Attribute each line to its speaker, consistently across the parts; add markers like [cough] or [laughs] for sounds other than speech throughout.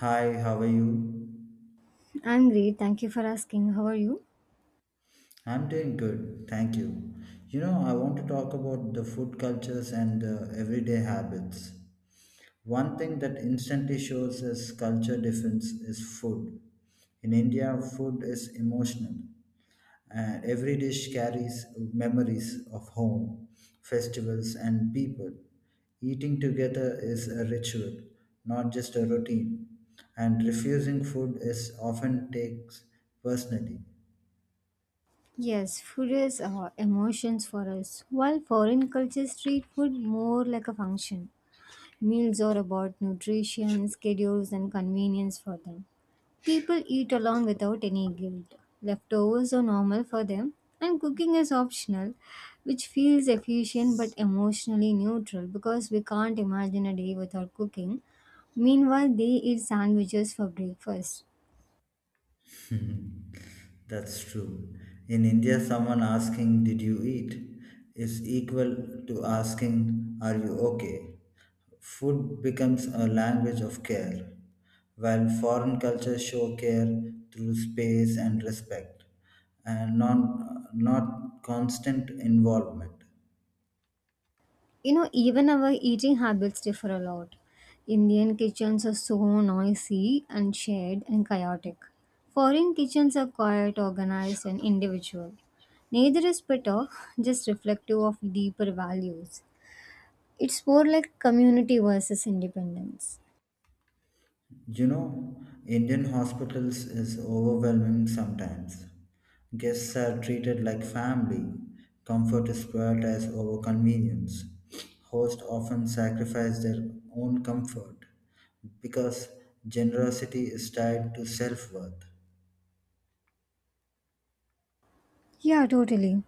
Speaker 1: Hi, how are you?
Speaker 2: I'm great. Thank you for asking. How are you?
Speaker 1: I'm doing good, thank you. You know, I want to talk about the food cultures and everyday habits. One thing that instantly shows as culture difference is food. In India, food is emotional, and every dish carries memories of home, festivals, and people. Eating together is a ritual, not just a routine, and refusing food is often takes personally.
Speaker 2: Yes, food is emotions for us. While foreign cultures treat food more like a function, meals are about nutrition, schedules, and convenience for them. People eat along without any guilt. Leftovers are normal for them, and cooking is optional, which feels efficient but emotionally neutral because we can't imagine a day without cooking. Meanwhile, they eat sandwiches for breakfast.
Speaker 1: [laughs] That's true. In India, someone asking, Did you eat? Is equal to asking, Are you okay? Food becomes a language of care, while foreign cultures show care through space and respect, and not constant involvement.
Speaker 2: You know, even our eating habits differ a lot. Indian kitchens are so noisy and shared and chaotic. Foreign kitchens are quiet, organized, and individual. Neither is better, just reflective of deeper values. It's more like community versus independence.
Speaker 1: You know, Indian hospitals is overwhelming sometimes. Guests are treated like family. Comfort is prioritized over convenience. Hosts often sacrifice their own comfort because generosity is tied to self worth.
Speaker 2: Yeah, totally.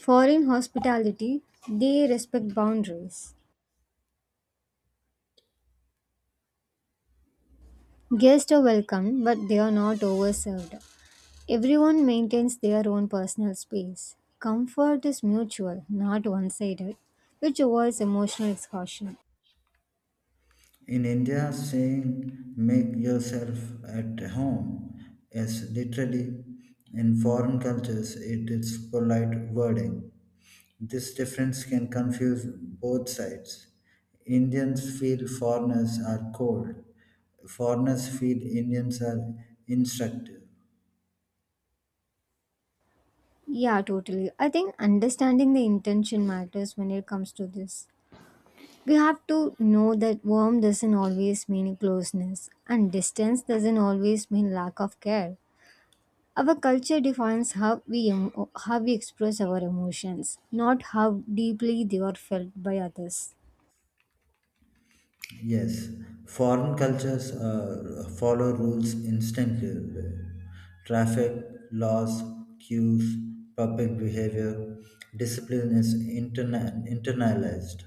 Speaker 2: Foreign hospitality, they respect boundaries. Guests are welcome, but they are not overserved. Everyone maintains their own personal space. Comfort is mutual, not one sided, which avoids emotional exhaustion.
Speaker 1: In India, saying make yourself at home is literally, in foreign cultures, it is polite wording. This difference can confuse both sides. Indians feel foreigners are cold. Foreigners feel Indians are instructive.
Speaker 2: Yeah, totally. I think understanding the intention matters when it comes to this. We have to know that warm doesn't always mean closeness, and distance doesn't always mean lack of care. Our culture defines how we express our emotions, not how deeply they are felt by others.
Speaker 1: Yes, foreign cultures follow rules instinctively. Traffic, laws, cues, public behavior, discipline is internalized,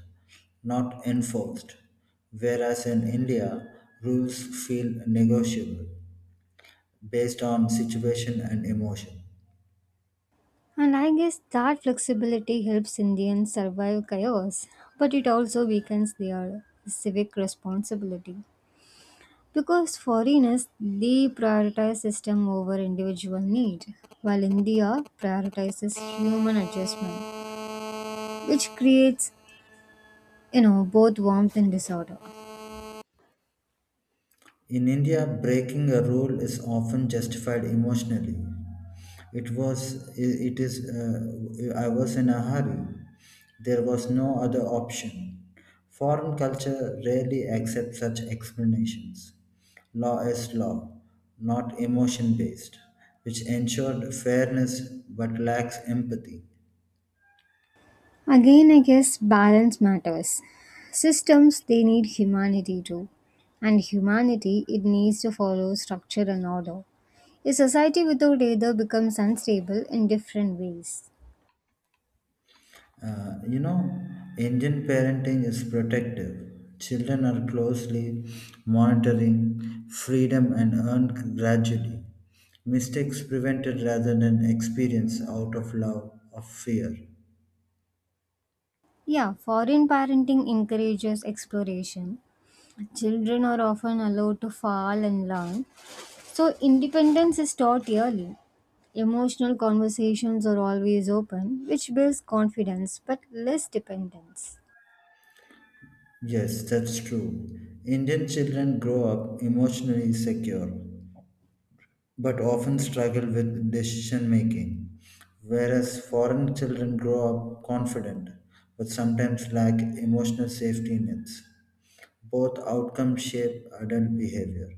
Speaker 1: not enforced. Whereas in India, rules feel negotiable based on situation and emotion.
Speaker 2: And I guess that flexibility helps Indians survive chaos, but it also weakens their civic responsibility. Because foreigners, they prioritize system over individual need, while India prioritizes human adjustment, which creates, you know, both warmth and disorder.
Speaker 1: In India, breaking a rule is often justified emotionally. It is, I was in a hurry. There was no other option. Foreign culture rarely accepts such explanations. Law is law, not emotion based, which ensured fairness but lacks empathy.
Speaker 2: Again, I guess balance matters. Systems, they need humanity too. And humanity, it needs to follow structure and order. A society without either becomes unstable in different ways.
Speaker 1: You know, Indian parenting is protective. Children are closely monitoring freedom and earned gradually. Mistakes prevented rather than experienced out of love or fear.
Speaker 2: Yeah, foreign parenting encourages exploration. Children are often allowed to fall and learn, so independence is taught early. Emotional conversations are always open, which builds confidence but less dependence.
Speaker 1: Yes, that's true. Indian children grow up emotionally secure, but often struggle with decision making. Whereas foreign children grow up confident but sometimes lack emotional safety nets. Both outcomes shape adult behavior.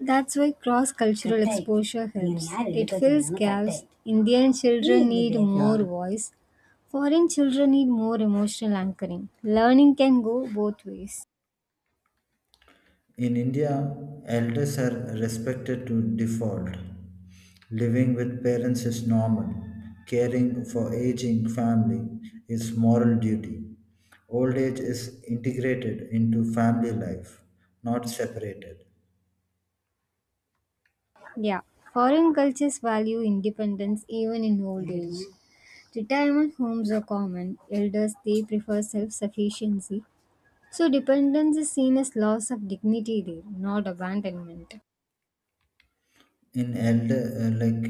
Speaker 2: That's why cross cultural exposure helps. It fills gaps. Indian children need more voice, foreign children need more emotional anchoring. Learning can go both ways.
Speaker 1: In India, elders are respected to default. Living with parents is normal. Caring for aging family is moral duty. Old age is integrated into family life, not separated.
Speaker 2: Yeah, foreign cultures value independence even in old age. Retirement homes are common. Elders they prefer self-sufficiency. So dependence is seen as loss of dignity there, not abandonment.
Speaker 1: In elder like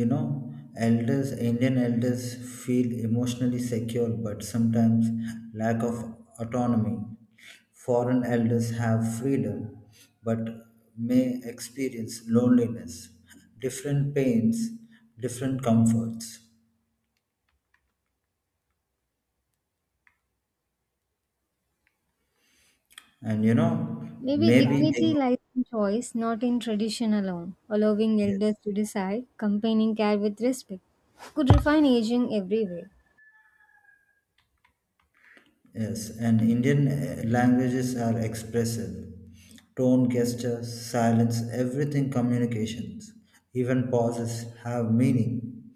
Speaker 1: you know, elders indian elders feel emotionally secure but sometimes lack of autonomy. Foreign elders have freedom but may experience loneliness, different pains, different comforts, and you know,
Speaker 2: Maybe
Speaker 1: maybe
Speaker 2: dignity
Speaker 1: they,
Speaker 2: lies in choice, not in tradition alone. Allowing elders
Speaker 1: yes.
Speaker 2: to decide, companing care with respect, could refine aging everywhere.
Speaker 1: Yes, and Indian languages are expressive. Tone, gesture, silence, everything communications, even pauses have meaning.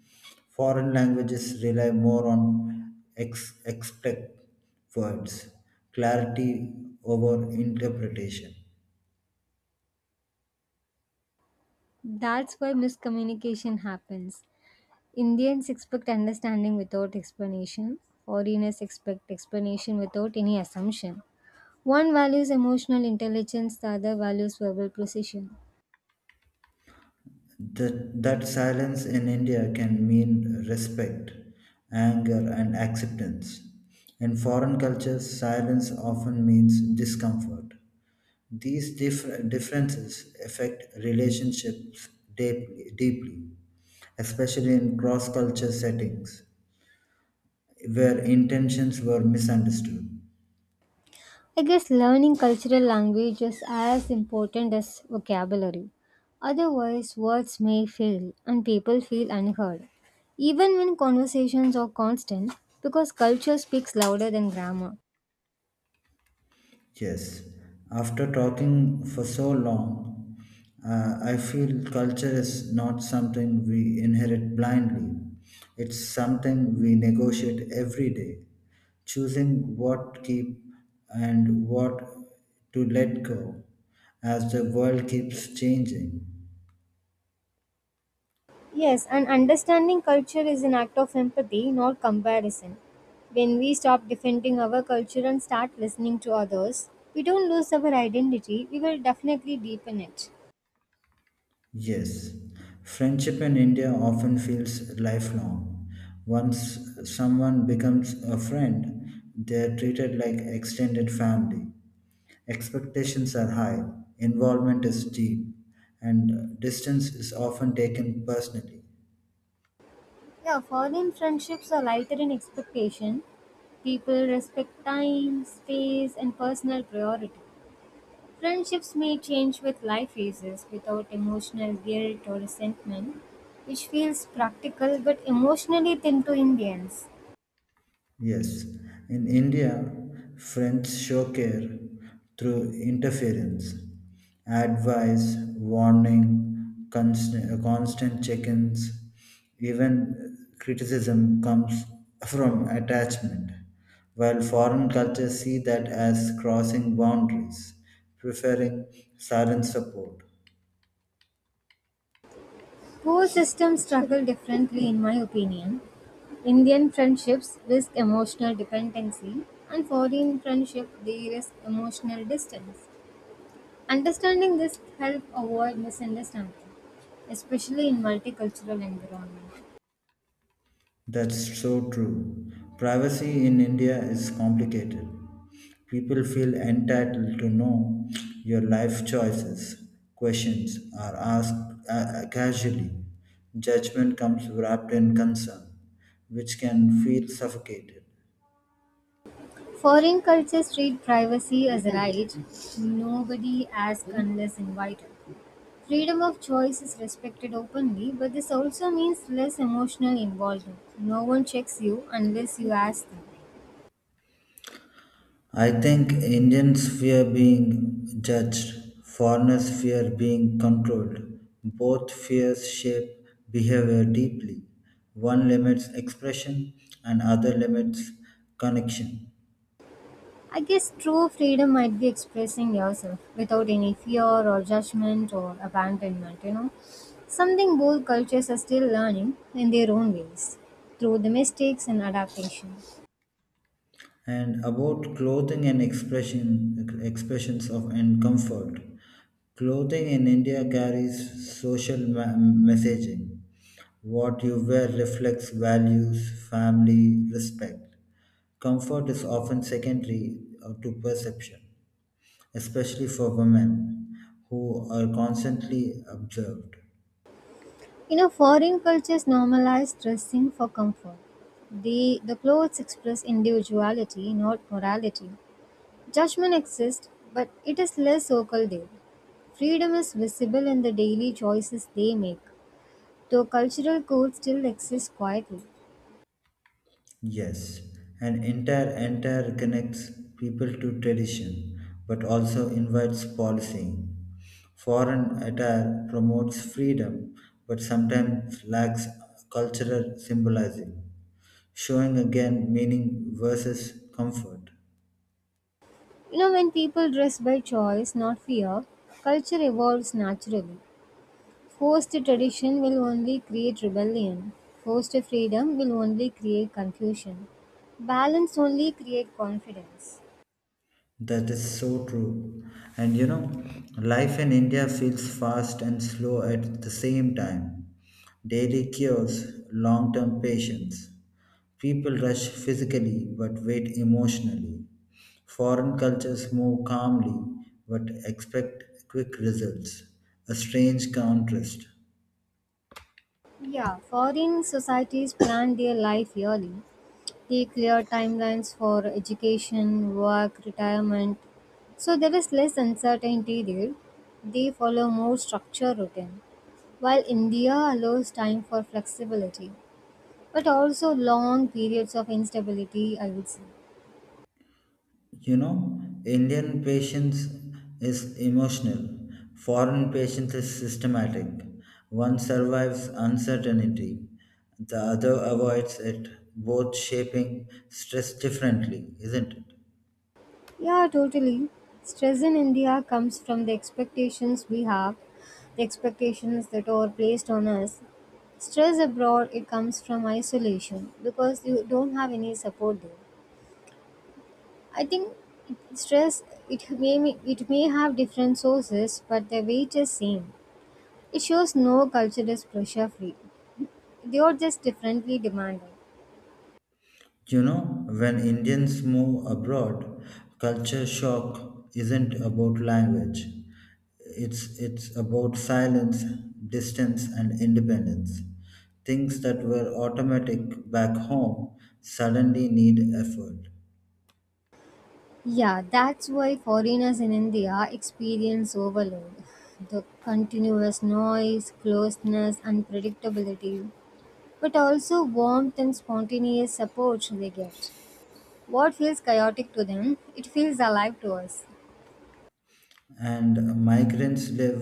Speaker 1: Foreign languages rely more on expect words, clarity over interpretation.
Speaker 2: That's why miscommunication happens. Indians expect understanding without explanation. Foreigners expect explanation without any assumption. One values emotional intelligence, the other values verbal precision.
Speaker 1: That silence in India can mean respect, anger, and acceptance. In foreign cultures, silence often means discomfort. These differences affect relationships deeply, especially in cross culture settings where intentions were misunderstood.
Speaker 2: I guess learning cultural language is as important as vocabulary. Otherwise, words may fail and people feel unheard, even when conversations are constant, because culture speaks louder than grammar.
Speaker 1: Yes, after talking for so long, I feel culture is not something we inherit blindly. It's something we negotiate every day, choosing what keep and what to let go as the world keeps changing.
Speaker 2: Yes, and understanding culture is an act of empathy, not comparison. When we stop defending our culture and start listening to others, we don't lose our identity, we will definitely deepen it.
Speaker 1: Yes, friendship in India often feels lifelong. Once someone becomes a friend, they are treated like extended family. Expectations are high, involvement is deep, and distance is often taken personally.
Speaker 2: Yeah, foreign friendships are lighter in expectation. People respect time, space, and personal priority. Friendships may change with life phases without emotional guilt or resentment, which feels practical but emotionally thin to Indians.
Speaker 1: Yes, in India, French show care through interference, advice, warning, constant check ins, even criticism comes from attachment, while foreign cultures see that as crossing boundaries, preferring silent support.
Speaker 2: Poor systems struggle differently in my opinion. Indian friendships risk emotional dependency, and foreign friendship they risk emotional distance. Understanding this help avoid misunderstanding, especially in multicultural environment.
Speaker 1: That's so true. Privacy in India is complicated. People feel entitled to know your life choices. Questions are asked casually. Judgment comes wrapped in concern, which can feel suffocated.
Speaker 2: Foreign cultures treat privacy as a right, nobody asks unless invited. Freedom of choice is respected openly, but this also means less emotional involvement. No one checks you unless you ask them.
Speaker 1: I think Indians fear being judged, foreigners fear being controlled. Both fears shape behavior deeply. One limits expression and other limits connection.
Speaker 2: I guess true freedom might be expressing yourself without any fear or judgment or abandonment, you know. Something both cultures are still learning in their own ways through the mistakes and adaptation.
Speaker 1: And about clothing and expressions of and comfort, clothing in India carries social messaging, what you wear reflects values, family respect, comfort is often secondary to perception, especially for women who are constantly observed.
Speaker 2: You know, foreign cultures normalize dressing for comfort. They, the clothes express individuality, not morality. Judgment exists, but it is less vocal there. Freedom is visible in the daily choices they make, though cultural codes still exist quietly.
Speaker 1: Yes, an entire connects people to tradition, but also invites policing. Foreign attire promotes freedom, but sometimes lacks cultural symbolism, showing again meaning versus comfort.
Speaker 2: You know, when people dress by choice, not fear, culture evolves naturally. Forced tradition will only create rebellion. Forced freedom will only create confusion. Balance only create confidence.
Speaker 1: That is so true. And you know, life in India feels fast and slow at the same time. Daily cures, long term patience. People rush physically but wait emotionally. Foreign cultures move calmly but expect quick results. A strange contrast.
Speaker 2: Yeah, foreign societies plan their life yearly. They clear timelines for education, work, retirement. So there is less uncertainty there. They follow more structured routine while India allows time for flexibility, but also long periods of instability, I would say.
Speaker 1: You know, Indian patience is emotional, foreign patience is systematic. One survives uncertainty, the other avoids it, both shaping stress differently, isn't it?
Speaker 2: Yeah, totally. Stress in India comes from the expectations we have, the expectations that are placed on us. Stress abroad, it comes from isolation because you don't have any support there. I think stress it may it may have different sources, but the weight is same. It shows no culture is pressure free. They are just differently demanded.
Speaker 1: You know, when Indians move abroad, culture shock isn't about language. It's about silence, distance and independence. Things that were automatic back home suddenly need effort.
Speaker 2: Yeah, that's why foreigners in India experience overload. The continuous noise, closeness, unpredictability, but also warmth and spontaneous support they get. What feels chaotic to them, it feels alive to us.
Speaker 1: And migrants live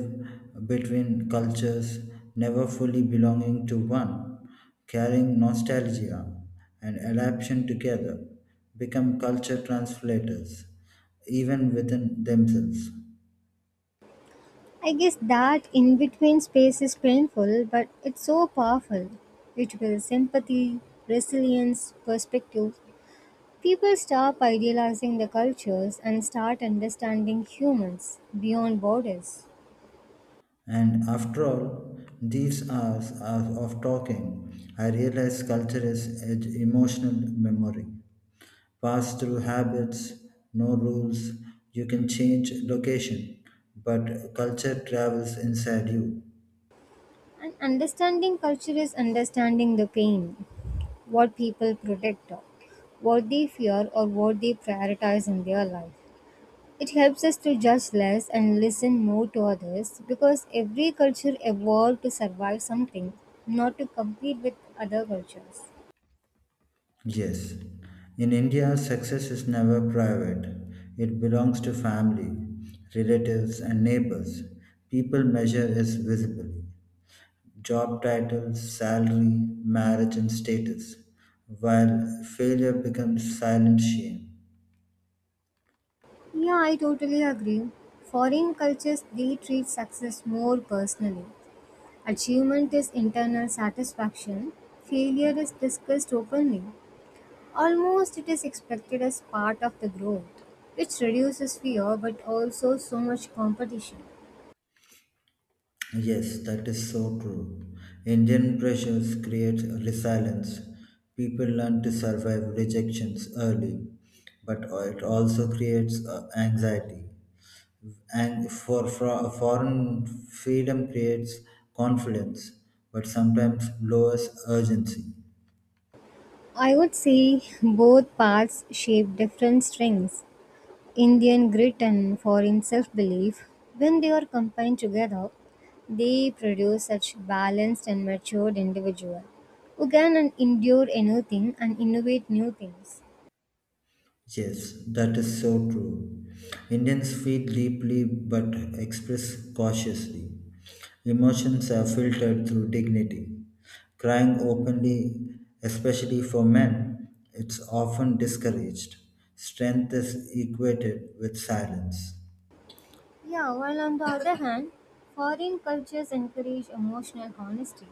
Speaker 1: between cultures, never fully belonging to one, carrying nostalgia and adaptation together, become culture translators, even within themselves.
Speaker 2: I guess that in between space is painful, but it's so powerful. It builds sympathy, resilience, perspective. People stop idealizing the cultures and start understanding humans beyond borders.
Speaker 1: And after all, these hours of talking, I realized culture is emotional memory. Passed through habits, no rules. You can change location, but culture travels inside you.
Speaker 2: And understanding culture is understanding the pain, what people protect, what they fear, or what they prioritize in their life. It helps us to judge less and listen more to others because every culture evolved to survive something, not to compete with other cultures.
Speaker 1: Yes. In India, success is never private. It belongs to family, relatives, and neighbors. People measure is visibly. Job title, salary, marriage, and status, while failure becomes silent shame.
Speaker 2: Yeah, I totally agree. Foreign cultures they treat success more personally. Achievement is internal satisfaction, failure is discussed openly. Almost it is expected as part of the growth, which reduces fear but also so much competition.
Speaker 1: Yes, that is so true. Indian pressures create resilience. People learn to survive rejections early, but it also creates anxiety. And for foreign freedom creates confidence, but sometimes lowers urgency.
Speaker 2: I would say both paths shape different strengths. Indian grit and foreign self belief. When they are combined together, they produce such balanced and matured individual who can and endure anything and innovate new things.
Speaker 1: Yes, that is so true. Indians feel deeply but express cautiously. Emotions are filtered through dignity. Crying openly, especially for men, it's often discouraged. Strength is equated with silence.
Speaker 2: Yeah, while on the other hand, foreign cultures encourage emotional honesty.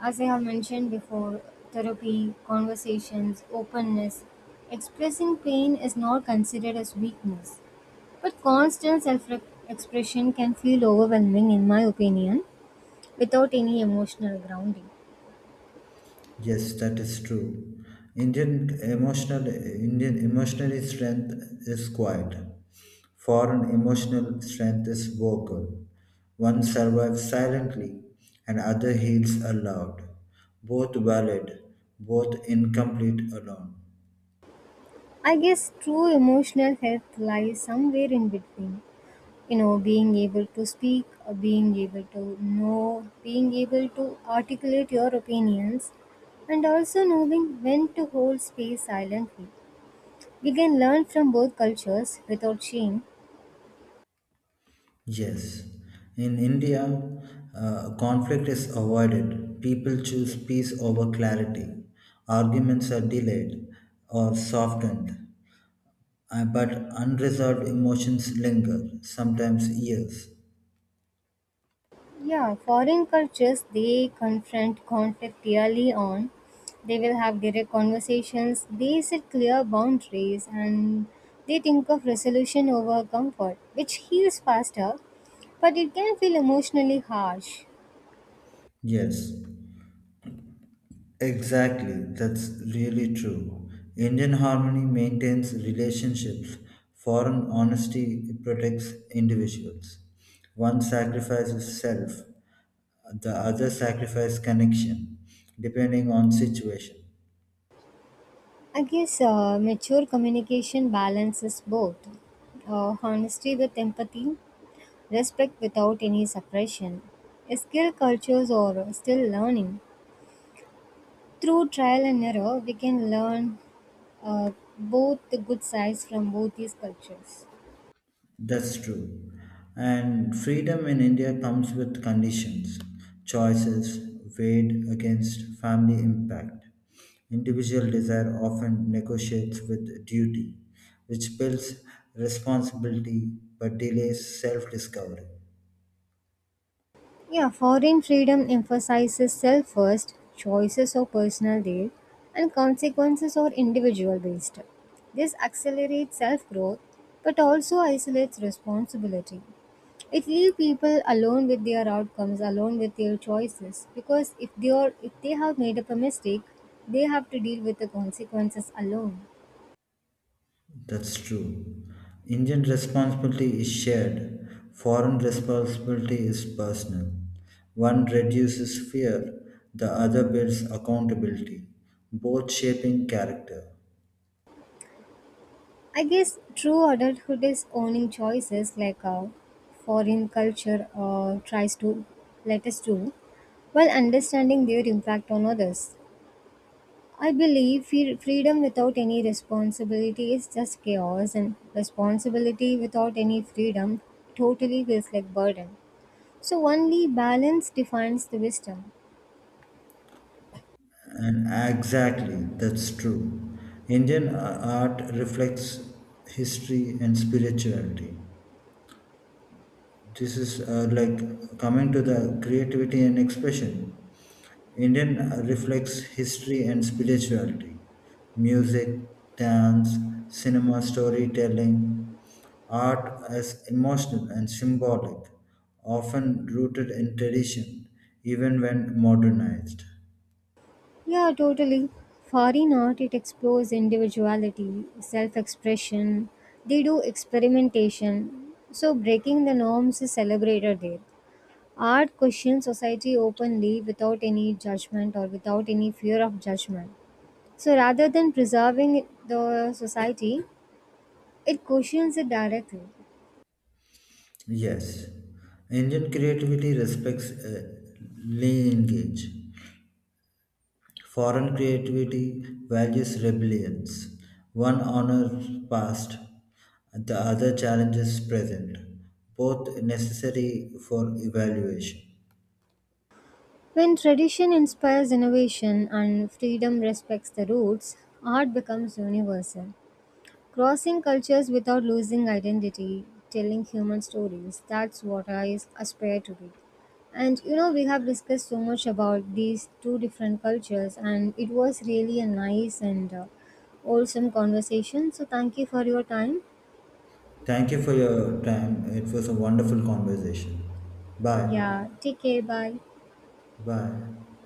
Speaker 2: As I have mentioned before, therapy, conversations, openness, expressing pain is not considered as weakness. But constant self expression can feel overwhelming, in my opinion, without any emotional grounding.
Speaker 1: Yes, that is true. Indian emotional strength is quiet. Foreign emotional strength is vocal. One survives silently and other heals aloud. Both valid, both incomplete alone.
Speaker 2: I guess true emotional health lies somewhere in between. You know, being able to know, being able to articulate your opinions, and also knowing when to hold space silently. We can learn from both cultures without shame.
Speaker 1: Yes. In India, conflict is avoided. People choose peace over clarity. Arguments are delayed or softened. But unresolved emotions linger, sometimes years.
Speaker 2: Yeah, foreign cultures they confront conflict early on. They will have direct conversations. They set clear boundaries and they think of resolution over comfort, which heals faster, but it can feel emotionally harsh.
Speaker 1: Yes, exactly. That's really true. Indian harmony maintains relationships, foreign honesty protects individuals. One sacrifices self, the other sacrifices connection, depending on situation.
Speaker 2: I guess mature communication balances both honesty with empathy, respect without any suppression. Skill cultures are still learning. Through trial and error, we can learn uh, both the good sides from both these cultures.
Speaker 1: That's true. And freedom in India comes with conditions, choices weighed against family impact. Individual desire often negotiates with duty, which builds responsibility but delays self discovery.
Speaker 2: Yeah, foreign freedom emphasizes self first, choices are personal there, and consequences are individual based. This accelerates self growth but also isolates responsibility. It leaves people alone with their outcomes, alone with their choices, because if they have made up a mistake, they have to deal with the consequences alone.
Speaker 1: That's true. Indian responsibility is shared, foreign responsibility is personal. One reduces fear, the other builds accountability, both shaping character.
Speaker 2: I guess true adulthood is owning choices like foreign culture tries to let us do, while understanding their impact on others. I believe freedom without any responsibility is just chaos, and responsibility without any freedom totally feels like burden. So only balance defines the wisdom.
Speaker 1: And exactly, that's true. Indian art reflects history and spirituality, this is like coming to the creativity and expression. Indian reflects history and spirituality, music, dance, cinema, storytelling, art as emotional and symbolic, often rooted in tradition, even when modernized.
Speaker 2: Yeah, totally. Foreign art, it explores individuality, self expression, they do experimentation. So, breaking the norms is celebrated there. Art questions society openly without any judgment or without any fear of judgment. So, rather than preserving the society, it questions it directly.
Speaker 1: Yes, Indian creativity respects lineage. Foreign creativity values rebellions. One honors past, the other challenges present, both necessary for evaluation.
Speaker 2: When tradition inspires innovation and freedom respects the roots, art becomes universal. Crossing cultures without losing identity, telling human stories, that's what I aspire to be. And you know, we have discussed so much about these two different cultures, and it was really a nice and wholesome conversation. So, thank you for your time.
Speaker 1: Thank you for your time. It was a wonderful conversation. Bye.
Speaker 2: Yeah, take care. Bye.
Speaker 1: Bye.